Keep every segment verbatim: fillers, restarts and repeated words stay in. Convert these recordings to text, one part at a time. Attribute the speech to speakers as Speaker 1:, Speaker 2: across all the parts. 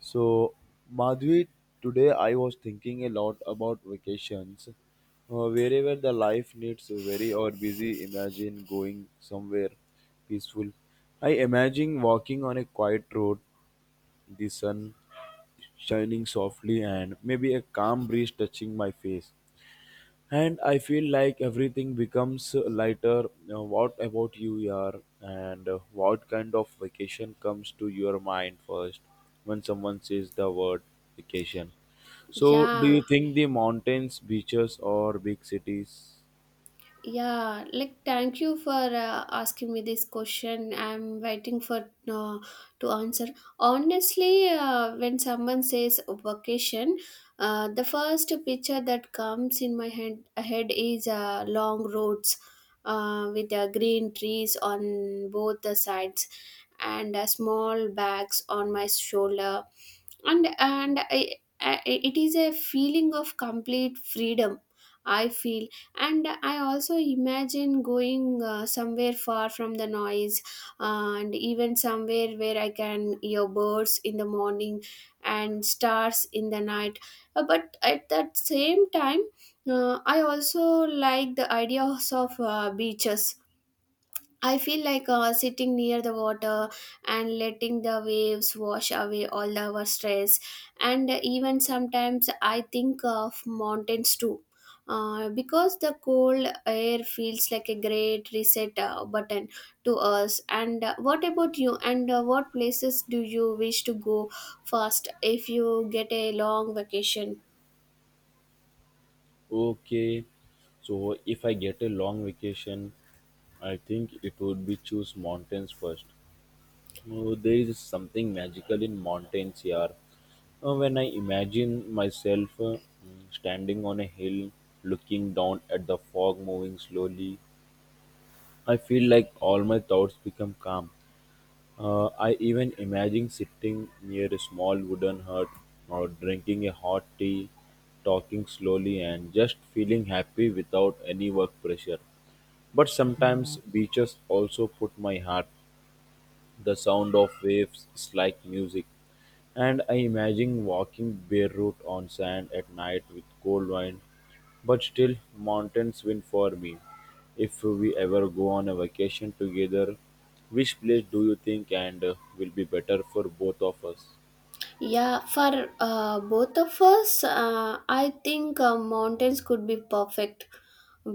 Speaker 1: So, Madhvi, today I was thinking a lot about vacations. Uh, wherever the life needs a very or busy, imagine going somewhere peaceful. I imagine walking on a quiet road, the sun shining softly, and maybe a calm breeze touching my face. And I feel like everything becomes lighter. Now, what about you, Yar? And uh, what kind of vacation comes to your mind first when someone says the word vacation? So, do
Speaker 2: Yeah,
Speaker 1: you think the mountains, beaches, or big cities?
Speaker 2: yeah. Like, thank you for uh, asking me this question. I'm waiting for uh, to answer. Honestly, uh, when someone says vacation, uh, the first picture that comes in my head head is uh, long roads uh, with uh, green trees on both the sides and uh, small bags on my shoulder and and I, I, it is a feeling of complete freedom I feel. And I also imagine going uh, somewhere far from the noise, and even somewhere where I can hear birds in the morning and stars in the night. Uh, but at that same time, uh, i also like the ideas of uh, beaches. I feel like uh, sitting near the water and letting the waves wash away all our stress. And even sometimes I think of mountains too. Uh, because the cold air feels like a great reset uh, button to us. And uh, what about you? And uh, what places do you wish to go first if you get a long vacation?
Speaker 1: Okay, so if I get a long vacation, I think it would be choose mountains first. Oh, there is something magical in mountains here. Uh, when I imagine myself uh, mm, standing on a hill, looking down at the fog moving slowly, I feel like all my thoughts become calm. Uh, I even imagine sitting near a small wooden hut or drinking a hot tea, talking slowly, and just feeling happy without any work pressure. But sometimes beaches also put my heart the sound of waves is like music. And I imagine walking barefoot on sand at night with cold wind, but still mountains win for me. If we ever go on a vacation together, which place do you think and uh, will be better for both of us?
Speaker 2: Yeah, for uh, both of us, uh, I think uh, mountains could be perfect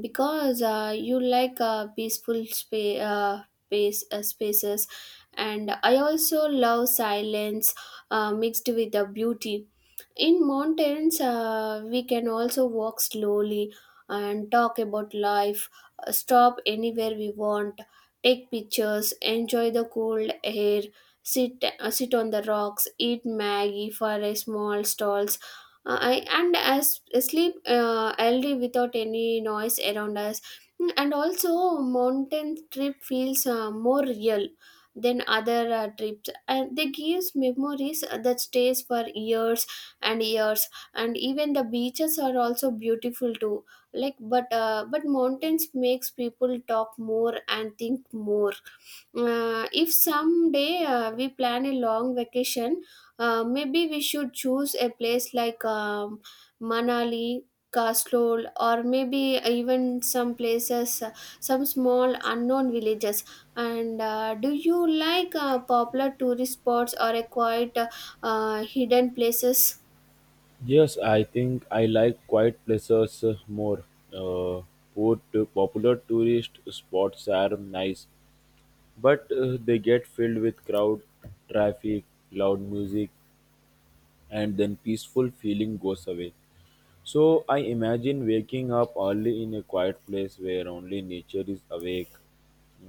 Speaker 2: because uh, you like uh, peaceful spa- uh, space, uh, spaces, and I also love silence uh, mixed with the beauty. In mountains, uh, we can also walk slowly and talk about life, uh, stop anywhere we want, take pictures, enjoy the cold air, sit uh, sit on the rocks, eat Maggie for a small stalls, uh, I, and as sleep uh, early without any noise around us. Mm, and also, mountain trip feels uh, more real than other uh, trips, and they gives memories that stays for years and years. And even the beaches are also beautiful too. Like, but uh, but mountains makes people talk more and think more. Uh, if someday uh, we plan a long vacation, uh, maybe we should choose a place like um, Manali, Kasol, or maybe even some places, uh, some small unknown villages. And uh, do you like uh, popular tourist spots or a quiet uh, hidden places?
Speaker 1: Yes, I think I like quiet places uh, more. Uh, put popular tourist spots are nice, but uh, they get filled with crowd, traffic, loud music, and then peaceful feeling goes away. So I imagine waking up early in a quiet place where only nature is awake,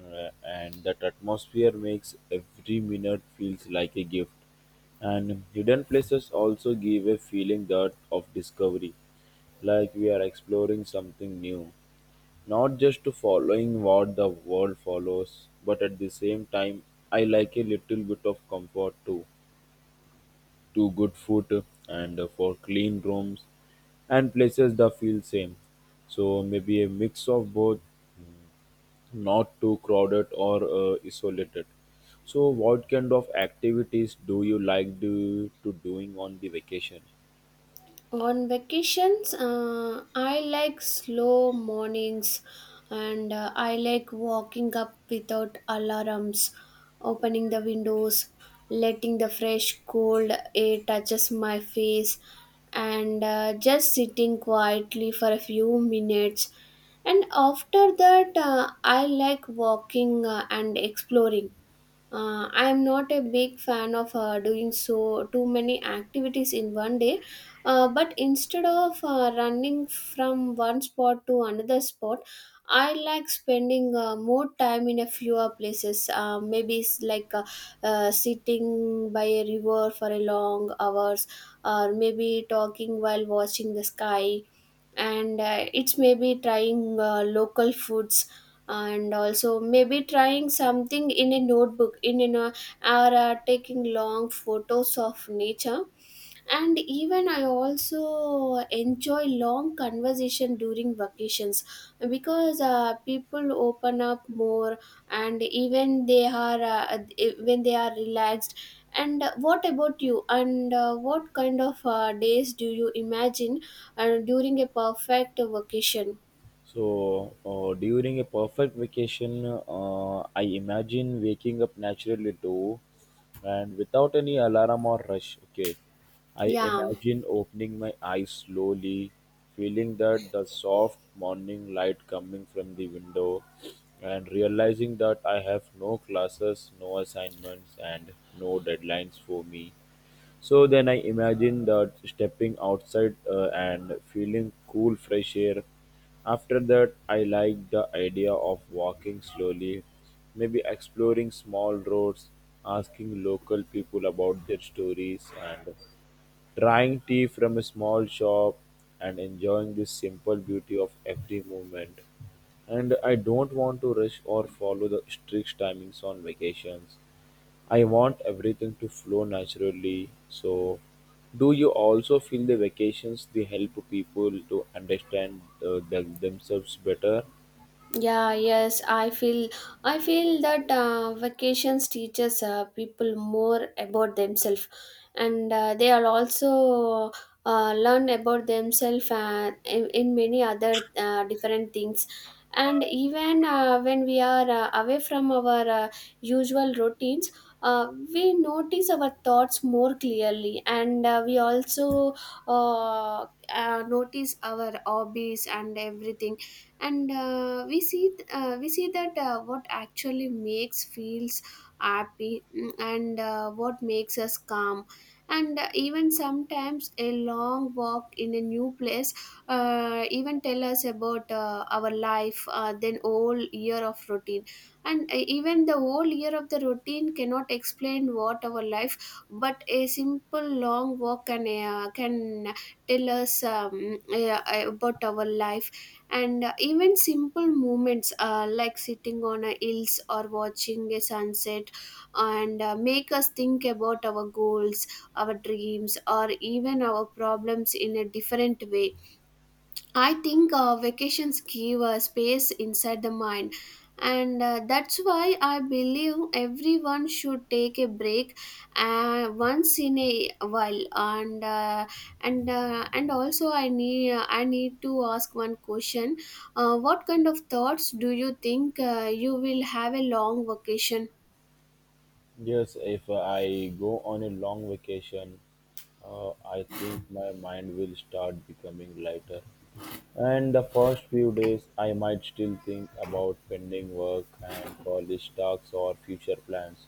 Speaker 1: uh, and that atmosphere makes every minute feels like a gift. And hidden places also give a feeling that of discovery, like we are exploring something new. Not just to following what the world follows, but at the same time, I like a little bit of comfort too. To good food and for clean rooms and places that feel same. So maybe a mix of both, not too crowded or uh, isolated. So what kind of activities do you like do, to doing on the vacation?
Speaker 2: On vacations, uh, I like slow mornings and uh, I like walking up without alarms, opening the windows, letting the fresh cold air touches my face and uh, just sitting quietly for a few minutes. And after that, uh, I like walking uh, and exploring. Uh, I am not a big fan of uh, doing so too many activities in one day, uh, but instead of uh, running from one spot to another spot, I like spending uh, more time in a fewer places. Uh, maybe it's like uh, uh, sitting by a river for a long hours, or maybe talking while watching the sky and uh, it's maybe trying uh, local foods, and also maybe trying something in a notebook in in a, or uh, taking long photos of nature. And even I also enjoy long conversation during vacations because uh, people open up more, and even they are uh, eh, when they are relaxed. And what about you? And uh, what kind of uh, days do you imagine uh, during a perfect vacation?
Speaker 1: So, uh, during a perfect vacation, uh, I imagine waking up naturally too and without any alarm or rush. Okay. I
Speaker 2: yeah
Speaker 1: imagine opening my eyes slowly, feeling that the soft morning light coming from the window, and realizing that I have no classes, no assignments, and no deadlines for me. So then I imagined that stepping outside uh, and feeling cool fresh air. After that, I liked the idea of walking slowly, maybe exploring small roads, asking local people about their stories, and trying tea from a small shop and enjoying the simple beauty of every moment. And I don't want to rush or follow the strict timings on vacations. I want everything to flow naturally. So, do you also feel the vacations they help people to understand uh, them- themselves better?
Speaker 2: yeah yes i feel i feel that uh, vacations teaches uh, people more about themselves, and uh, they are also uh, learn about themselves uh, in, in many other uh, different things. And even uh, when we are uh, away from our uh, usual routines, uh, we notice our thoughts more clearly, and uh, we also uh, uh, notice our hobbies and everything. And uh, we see th- uh, we see that uh, what actually makes feels happy, mm, and uh, what makes us calm. And uh, even sometimes a long walk in a new place uh, even tell us about uh, our life uh, then whole year of routine. And uh, even the whole year of the routine cannot explain what our life, but a simple long walk can uh, can tell us um, uh, about our life. And uh, even simple moments uh, like sitting on a hills or watching a sunset and uh, make us think about our goals, our dreams, or even our problems in a different way. I think uh, vacations give a space inside the mind, and uh, that's why I believe everyone should take a break uh, once in a while. And uh, and uh, and also, I need I need to ask one question: uh, What kind of thoughts do you think uh, you will have a long vacation?
Speaker 1: Yes, if I go on a long vacation, uh, I think my mind will start becoming lighter. And the first few days, I might still think about pending work and college talks or future plans.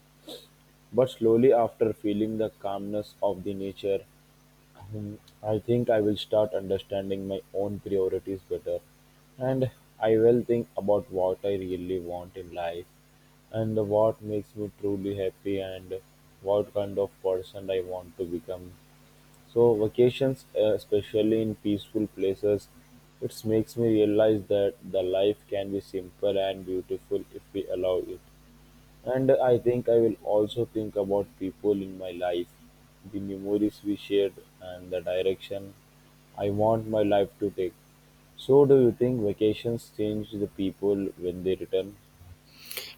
Speaker 1: But slowly, after feeling the calmness of the nature, Hmm, I think I will start understanding my own priorities better and I will think about what I really want in life and what makes me truly happy and what kind of person I want to become. So vacations, uh, especially in peaceful places, it makes me realize that the life can be simple and beautiful if we allow it. And I think I will also think about people in my life, the memories we shared, and the direction I want my life to take. So, do you think vacations change the people when they return?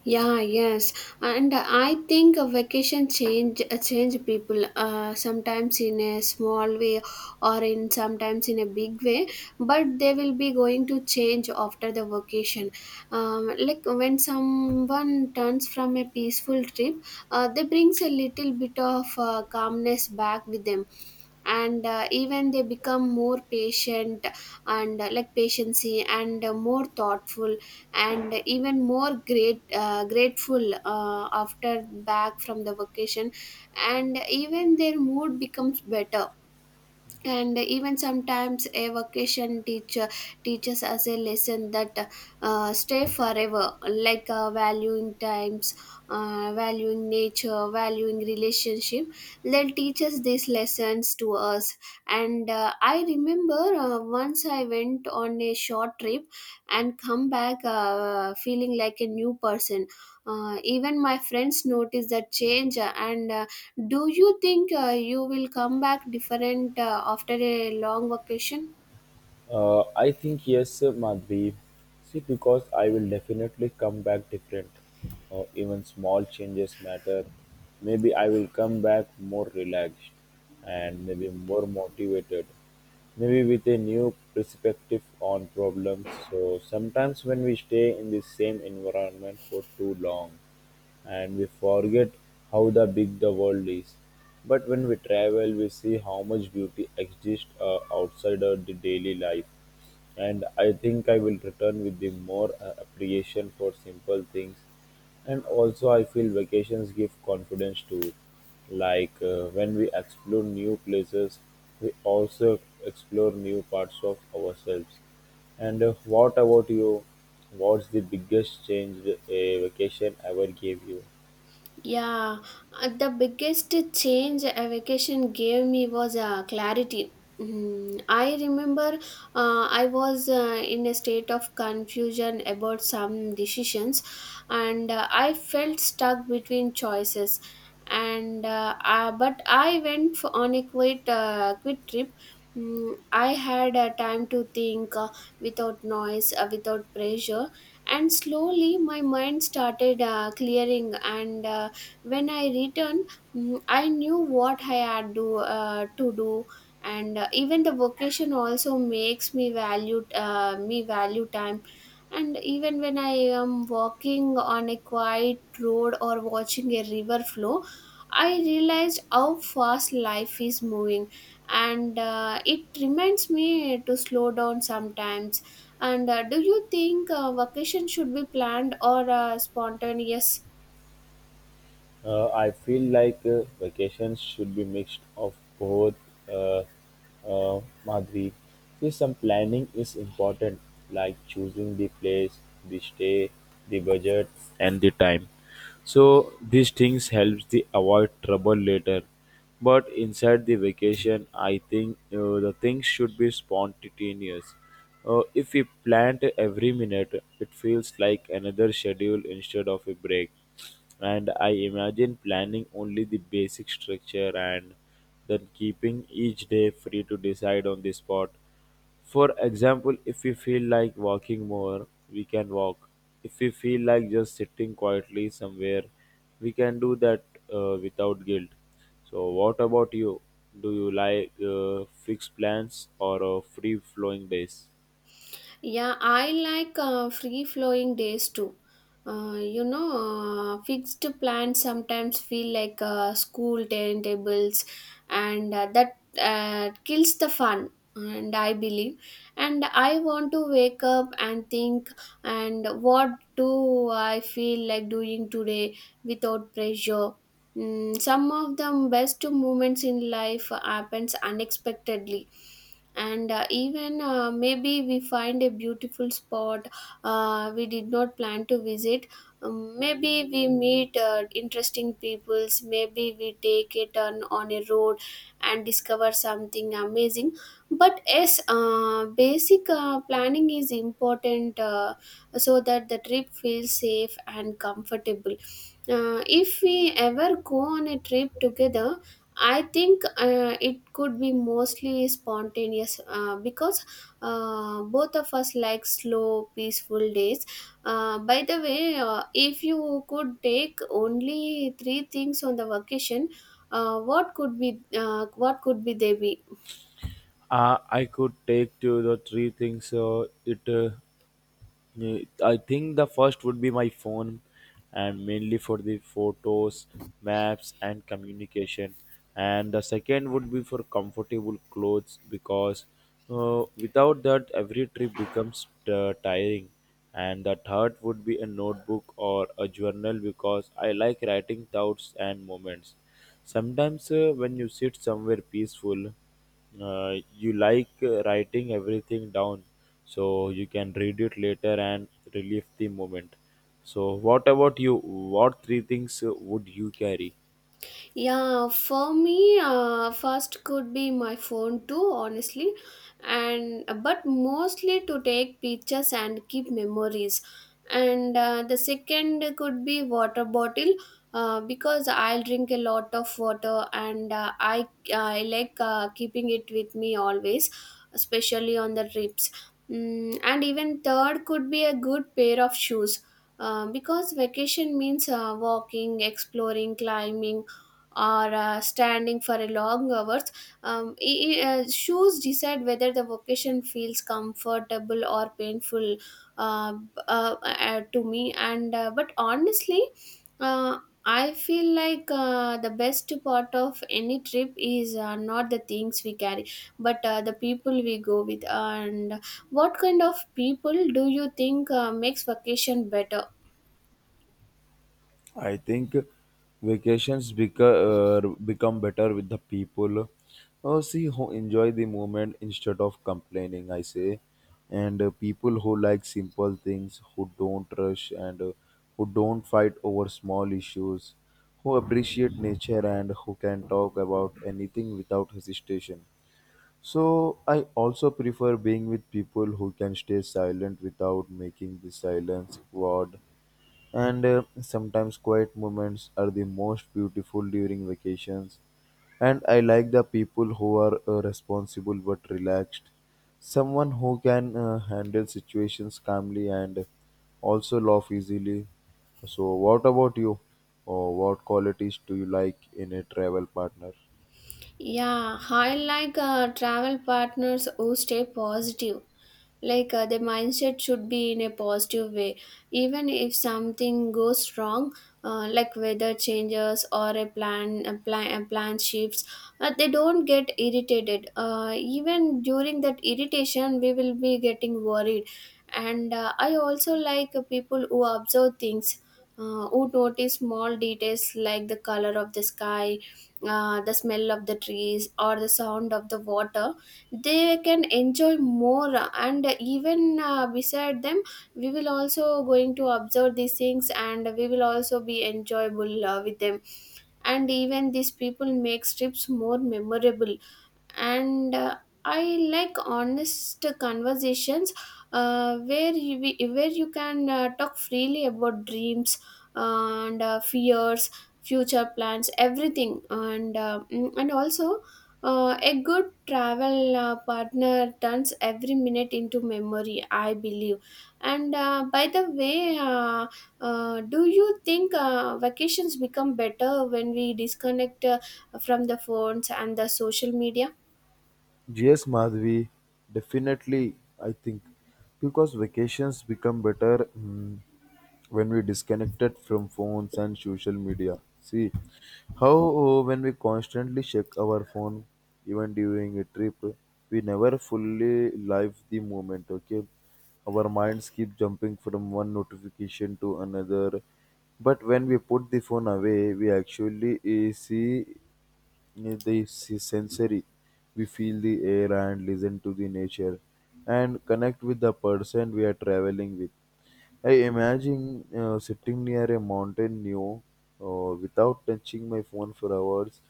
Speaker 2: Yeah, yes, and I think a vacation change uh, change people. Uh, sometimes in a small way, or in sometimes in a big way, but they will be going to change after the vacation. Um, like when someone turns from a peaceful trip, uh, they brings a little bit of uh, calmness back with them, and uh, even they become more patient, and uh, like patiency and uh, more thoughtful, and even more great uh, grateful uh, after back from the vacation. And even their mood becomes better, and even sometimes a vacation teacher teaches us a lesson that uh, stay forever, like uh, valuing times, uh, valuing nature, valuing relationship. They'll teach us these lessons to us. And uh, I remember uh, once I went on a short trip and come back uh, feeling like a new person. Uh, even my friends notice that change. uh, And uh, do you think uh, you will come back different uh, after a long vacation?
Speaker 1: Uh, I think yes, Madhvi. See, because I will definitely come back different. Uh, even small changes matter. Maybe I will come back more relaxed and maybe more motivated. Maybe with a new perspective on problems. So sometimes when we stay in the same environment for too long, and we forget how the big the world is. But when we travel, we see how much beauty exists uh, outside of the daily life. And I think I will return with the more uh, appreciation for simple things. And also, I feel vacations give confidence too. Like uh, when we explore new places, we also explore new parts of ourselves. And uh, what about you? What's the biggest change a vacation ever gave you?
Speaker 2: Yeah, uh, the biggest change a vacation gave me was uh, clarity. Mm, I remember uh, I was uh, in a state of confusion about some decisions, and uh, I felt stuck between choices. And uh, uh, but I went for, on a quick, uh, quick trip. Mm, I had uh, time to think, uh, without noise, uh, without pressure, and slowly my mind started uh, clearing and. Uh, when I returned, mm, I knew what I had to uh, to do. And uh, even the vocation also makes me value uh, me value time. And even when I am walking on a quiet road or watching a river flow, I realized how fast life is moving, and uh, it reminds me to slow down sometimes. And uh, do you think uh, vacation should be planned or uh, spontaneous?
Speaker 1: Uh, I feel like uh, vacations should be mixed of both. Uh, uh, Madhuri, see, some planning is important, like choosing the place, the stay, the budget, and the time. So these things helps the avoid trouble later. But inside the vacation, I think uh, the things should be spontaneous. Uh, if we planned every minute, it feels like another schedule instead of a break and I imagine planning only the basic structure and then keeping each day free to decide on the spot. For example, if we feel like walking more, we can walk. If we feel like just sitting quietly somewhere, we can do that uh, without guilt. So, what about you? Do you like uh, fixed plans or uh, free flowing days?
Speaker 2: Yeah, I like uh, free flowing days too. Uh, you know, uh, fixed plans sometimes feel like uh, school timetables, and uh, that uh, kills the fun. And I believe, and I want to wake up and think, and what do I feel like doing today without pressure? Mm, some of the best moments in life happens unexpectedly, and uh, even uh, maybe we find a beautiful spot uh, we did not plan to visit. Um, maybe we meet uh, interesting peoples, maybe we take a turn on a road and discover something amazing. But yes, uh, basic uh, planning is important, uh, so that the trip feels safe and comfortable. Uh, if we ever go on a trip together, I think uh, it could be mostly spontaneous uh, because uh, both of us like slow, peaceful days. Uh, by the way, uh, if you could take only three things on the vacation, uh, what could be uh, what could be they be?
Speaker 1: Uh, I could take to the three things. Uh, it uh, Yeah, I think the first would be my phone, and mainly for the photos, maps, and communication. And the second would be for comfortable clothes because uh, without that, every trip becomes uh, tiring. And the third would be a notebook or a journal because I like writing thoughts and moments. Sometimes, uh, when you sit somewhere peaceful, uh, you like uh, writing everything down so you can read it later and relive the moment. So what about you? What three things uh, would you carry?
Speaker 2: Yeah, for me, uh, first could be my phone too, honestly, and but mostly to take pictures and keep memories. And uh, the second could be water bottle, uh, because I'll drink a lot of water, and uh, I I like uh, keeping it with me always, especially on the trips. Mm, and even third could be a good pair of shoes. Uh, because vacation means uh, walking, exploring, climbing, or uh, standing for a long hours. Um, i- i- uh, shoes decide whether the vocation feels comfortable or painful uh, b- uh, uh, to me. And uh, but honestly, uh, I feel like uh, the best part of any trip is uh, not the things we carry but uh, the people we go with. And what kind of people do you think uh, makes vacation better?
Speaker 1: I think vacations beca- uh, become better with the people. Uh, see who enjoy the moment instead of complaining. I say, and uh, people who like simple things, who don't rush, and uh, who don't fight over small issues, who appreciate nature, and who can talk about anything without hesitation. So I also prefer being with people who can stay silent without making the silence awkward and uh, sometimes quiet moments are the most beautiful during vacations. And I like the people who are uh, responsible but relaxed. Someone who can uh, handle situations calmly and also laugh easily. So, what about you? Or what qualities do you like in a travel partner?
Speaker 2: Yeah, I like uh, travel partners who stay positive. Like uh, the mindset should be in a positive way. Even if something goes wrong, uh, like weather changes or a plan, a plan, a plan shifts, uh, they don't get irritated. Uh, even during that irritation, we will be getting worried. And uh, I also like uh, people who observe things, uh, who notice small details like the color of the sky, uh, the smell of the trees, or the sound of the water. They can enjoy more, and even uh, beside them we will also going to observe these things, and we will also be enjoyable uh, with them, and even these people makes trips more memorable. And uh, I like honest conversations uh, where you we- where you can uh, talk freely about dreams, uh, and uh, fears, future plans, everything. And uh, mm, and also uh, a good travel uh, partner turns every minute into memory, I believe. And uh, by the way uh, uh, do you think uh, vacations become better when we disconnect uh, from the phones and the social media?
Speaker 1: Yes, Madhvi, definitely. I think because vacations become better mm, when we disconnected from phones and social media. See how uh, when we constantly check our phone, even during a trip, we never fully live the moment. Okay, our minds keep jumping from one notification to another. But when we put the phone away, we actually uh, see this is sensory. We feel the air and listen to the nature and connect with the person we are traveling with. I imagine uh, sitting near a mountain new uh, without touching my phone for hours,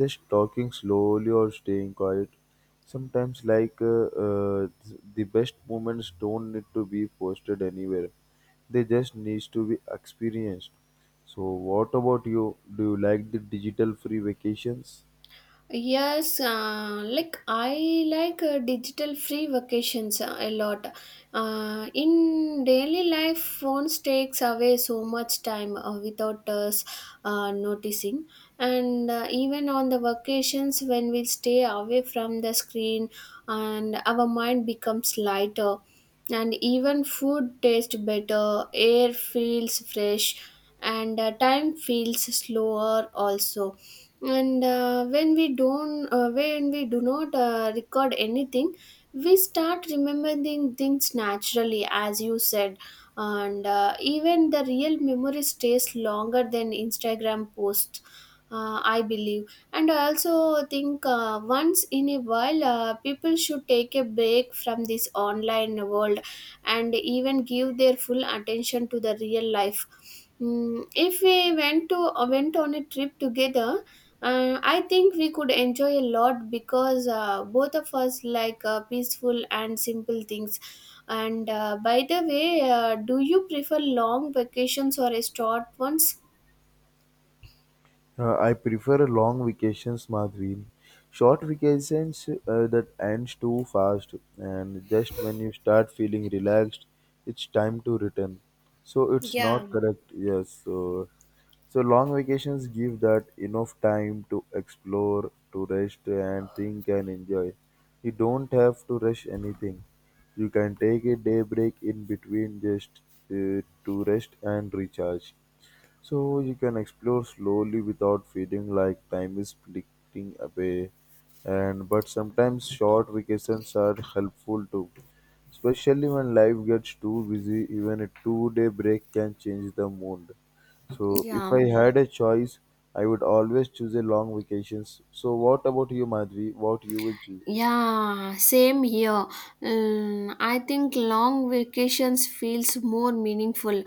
Speaker 1: just talking slowly or staying quiet. Sometimes like uh, uh, th- the best moments don't need to be posted anywhere, they just needs to be experienced. So what about you, do you like the digital free vacations?
Speaker 2: Yes, uh, like I like uh, digital free vacations uh, a lot. Uh, in daily life, phones takes away so much time uh, without us uh, noticing. And uh, even on the vacations, when we stay away from the screen, and our mind becomes lighter, and even food tastes better, air feels fresh, and uh, time feels slower also. And uh, when we don't uh, when we do not uh, record anything, we start remembering things naturally, as you said. And uh, even the real memory stays longer than instagram posts, uh, I believe. And I also think uh, once in a while uh, people should take a break from this online world and even give their full attention to the real life. Mm, if we went to uh, went on a trip together, uh, I think we could enjoy a lot because uh, both of us like uh, peaceful and simple things. And uh, by the way, uh, do you prefer long vacations or a short ones?
Speaker 1: Uh, I prefer long vacations, Madhvi. Short vacations uh, that ends too fast, and just when you start feeling relaxed, it's time to return. So it's
Speaker 2: Yeah.
Speaker 1: not correct. Yes. So, so long vacations give that enough time to explore, to rest, and think and enjoy. You don't have to rush anything. You can take a day break in between just uh, to rest and recharge. So you can explore slowly without feeling like time is splitting away. And but sometimes short vacations are helpful too, especially when life gets too busy. Even a two-day break can change the mood. So if
Speaker 2: Yeah.
Speaker 1: I had a choice, I would always choose a long vacations. So what about you, Madhvi? What you will choose?
Speaker 2: Yeah, same here. Mm, I think long vacations feels more meaningful.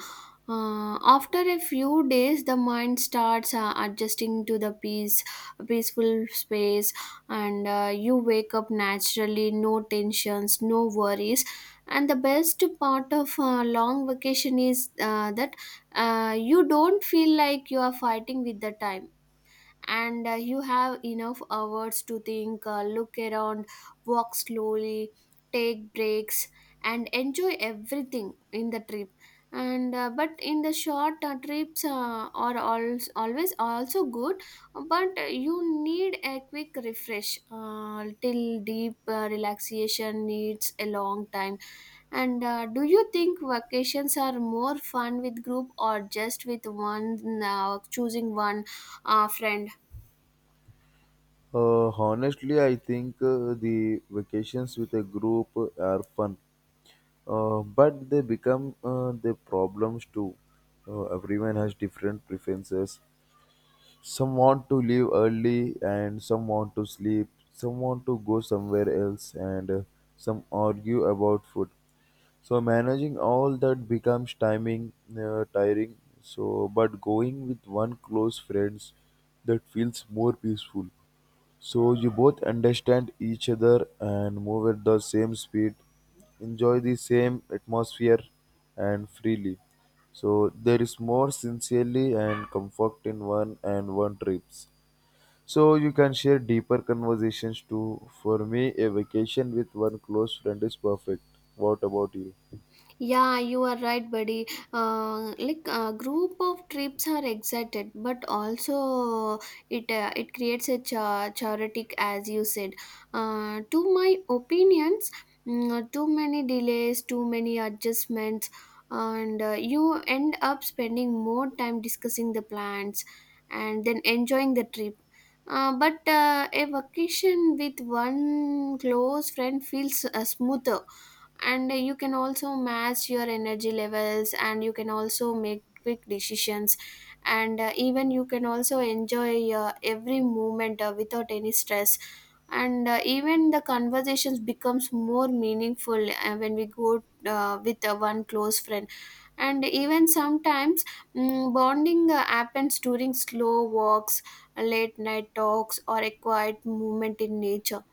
Speaker 2: Uh, after a few days, the mind starts uh, adjusting to the peace, peaceful space, and uh, you wake up naturally, no tensions, no worries. And the best part of uh, long vacation is uh, that uh, you don't feel like you are fighting with the time, and uh, you have enough hours to think, uh, look around, walk slowly, take breaks, and enjoy everything in the trip. And uh, but in the short uh, trips uh, are always always also good, but you need a quick refresh. Uh, till deep uh, relaxation needs a long time. And uh, do you think vacations are more fun with group or just with one, uh, choosing one uh, friend?
Speaker 1: Uh, honestly, I think uh, the vacations with a group are fun uh, but they become uh, the problems too. Uh, everyone has different preferences. Some want to leave early, and some want to sleep. Some want to go somewhere else, and uh, some argue about food. So managing all that becomes timing uh, tiring. So, but going with one close friends that feels more peaceful. So you both understand each other and move at the same speed, enjoy the same atmosphere and freely. So there is more sincerely and comfort in one and one trips. So you can share deeper conversations too. For me, a vacation with one close friend is perfect. What about you?
Speaker 2: Yeah, you are right, buddy. Uh, like a group of trips are excited, but also it uh, it creates a cha- chaotic, as you said. Uh, to my opinions, mm, uh, too many delays, too many adjustments, and uh, you end up spending more time discussing the plans and then enjoying the trip. Uh, but uh, a vacation with one close friend feels uh, smoother, and uh, you can also match your energy levels, and you can also make quick decisions, and uh, even you can also enjoy uh, every moment uh, without any stress, and uh, even the conversations becomes more meaningful uh, when we go uh, with uh, one close friend. And even sometimes, mm, bonding uh, happens during slow walks, late night talks, or a quiet moment in nature.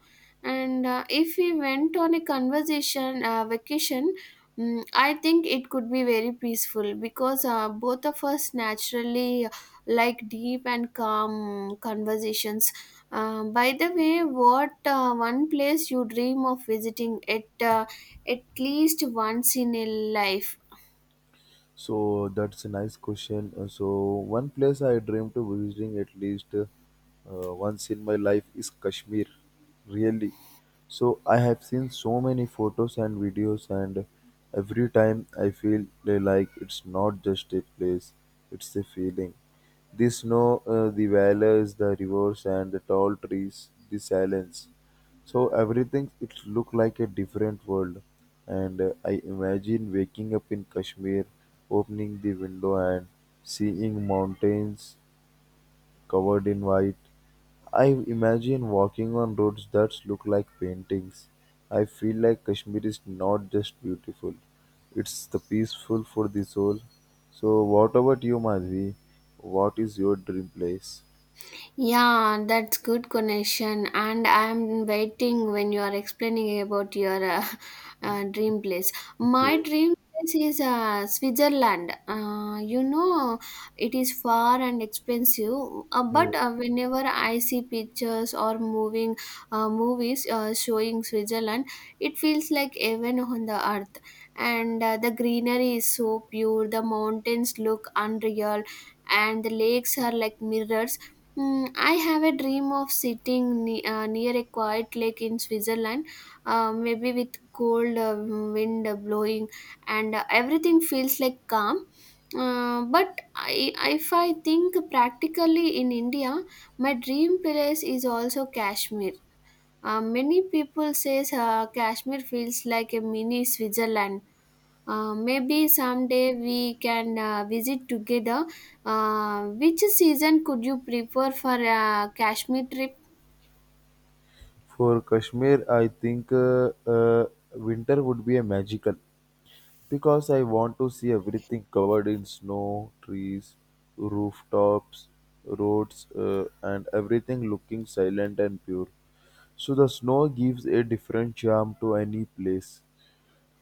Speaker 2: And uh, if we went on a conversation uh, vacation, mm, I think it could be very peaceful because uh, both of us naturally uh, like deep and calm conversations. Um, by the way what uh, one place you dream of visiting at uh, at least once in a life?
Speaker 1: So that's a nice question. Uh, So one place I dream to visiting at least uh, once in my life is Kashmir. Really. So I have seen so many photos and videos and every time I feel like it's not just a place, it's a feeling. The snow, uh, the valleys, the rivers and the tall trees, the silence. So everything it looked like a different world, and uh, I imagine waking up in Kashmir, opening the window and seeing mountains covered in white. I imagine walking on roads that look like paintings. I feel like Kashmir is not just beautiful; it's the peaceful for the soul. So, what about you, Madhvi? What is your dream place?
Speaker 2: Yeah, that's good connection. And I'm waiting when you are explaining about your uh, uh, dream place. My
Speaker 1: Okay.
Speaker 2: dream place is uh, Switzerland. Uh, you know, it is far and expensive. Uh, but uh, whenever I see pictures or moving uh, movies uh, showing Switzerland, it feels like heaven on the earth. And uh, the greenery is so pure. The mountains look unreal, and the lakes are like mirrors. Mm, I have a dream of sitting ne- uh, near a quiet lake in Switzerland, uh, maybe with cold uh, wind blowing, and uh, everything feels like calm. Uh, but I, if I think practically in India, my dream place is also Kashmir. Uh, many people says uh, Kashmir feels like a mini Switzerland. Uh, maybe someday we can uh, visit together. Uh, which season could you prefer for a Kashmir trip?
Speaker 1: For Kashmir, I think uh, uh, winter would be a magical because I want to see everything covered in snow, trees, rooftops, roads, uh, and everything looking silent and pure. So the snow gives a different charm to any place.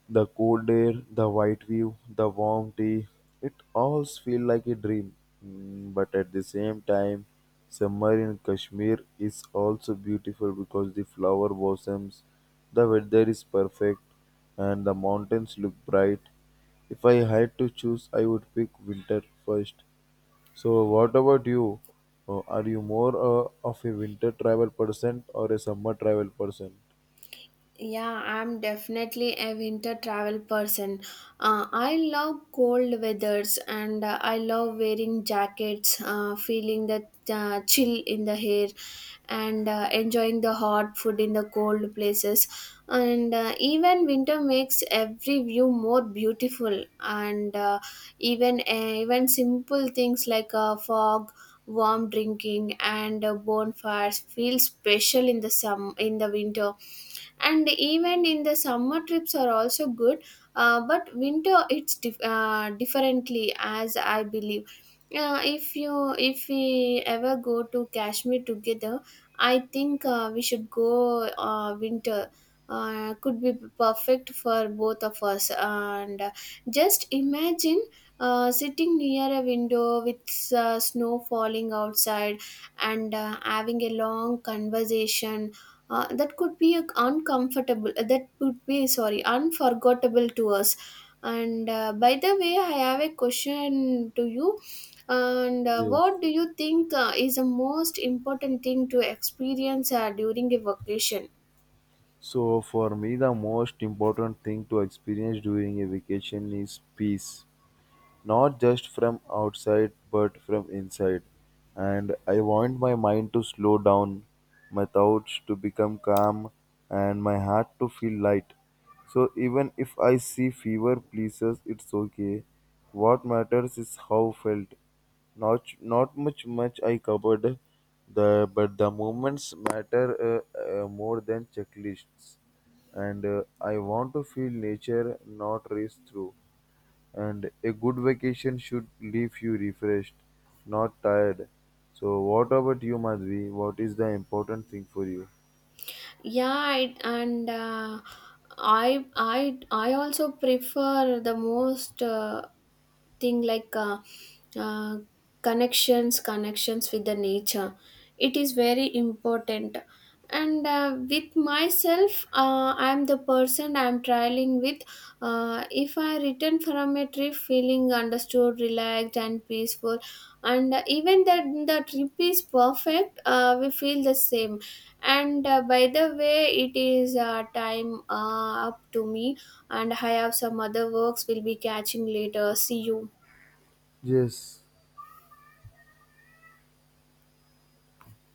Speaker 1: The cold air, the white view, the warm tea, it all feels like a dream. Mm, But at the same time, summer in Kashmir is also beautiful because the flower blossoms, the weather is perfect, and the mountains look bright. If I had to choose, I would pick winter first. So, what about you? Uh, Are you more uh, of a winter travel person or a summer travel person?
Speaker 2: Yeah, I'm definitely a winter travel person. Uh, I love cold weathers, and uh, I love wearing jackets, uh, feeling the uh, chill in the hair, and uh, enjoying the hot food in the cold places. And uh, even winter makes every view more beautiful. And uh, even uh, even simple things like a fog, warm drinking, and uh, bonfires feel special in the sum in the winter. And even in the summer, trips are also good, uh, but winter it's dif- uh, differently, as I believe. Uh, if you if we ever go to Kashmir together, I think uh, we should go, uh, winter uh, could be perfect for both of us. And uh, just imagine uh, sitting near a window with uh, snow falling outside, and uh, having a long conversation, uh, that could be a uncomfortable uh, that would be, sorry, unforgettable to us. And uh, by the way, I have a question to you. And uh,
Speaker 1: Yes.
Speaker 2: What do you think uh, is the most important thing to experience uh, during a vacation?
Speaker 1: So for me the most important thing to experience during a vacation is peace not just from outside but from inside. And I want my mind to slow down, my thoughts to become calm, and my heart to feel light. So even if I see fewer places, it's okay. What matters is how felt. Not not much much I covered, the but the moments matter uh, uh, more than checklists. And uh, I want to feel nature, not race through. And a good vacation should leave you refreshed, not tired. So, what about you, Madhvi? What is the important thing for you?
Speaker 2: Yeah, it, and uh, i i i also prefer the most uh, thing like uh, uh, connections connections with the nature. It is very important. And uh, with myself, uh, I'm the person I'm traveling with. Uh, if I return from a trip feeling understood, relaxed, and peaceful, and uh, even that, the trip is perfect, uh, we feel the same. And uh, by the way, it is uh, time uh, up to me, and I have some other works. We'll be catching later. See you.
Speaker 1: Yes.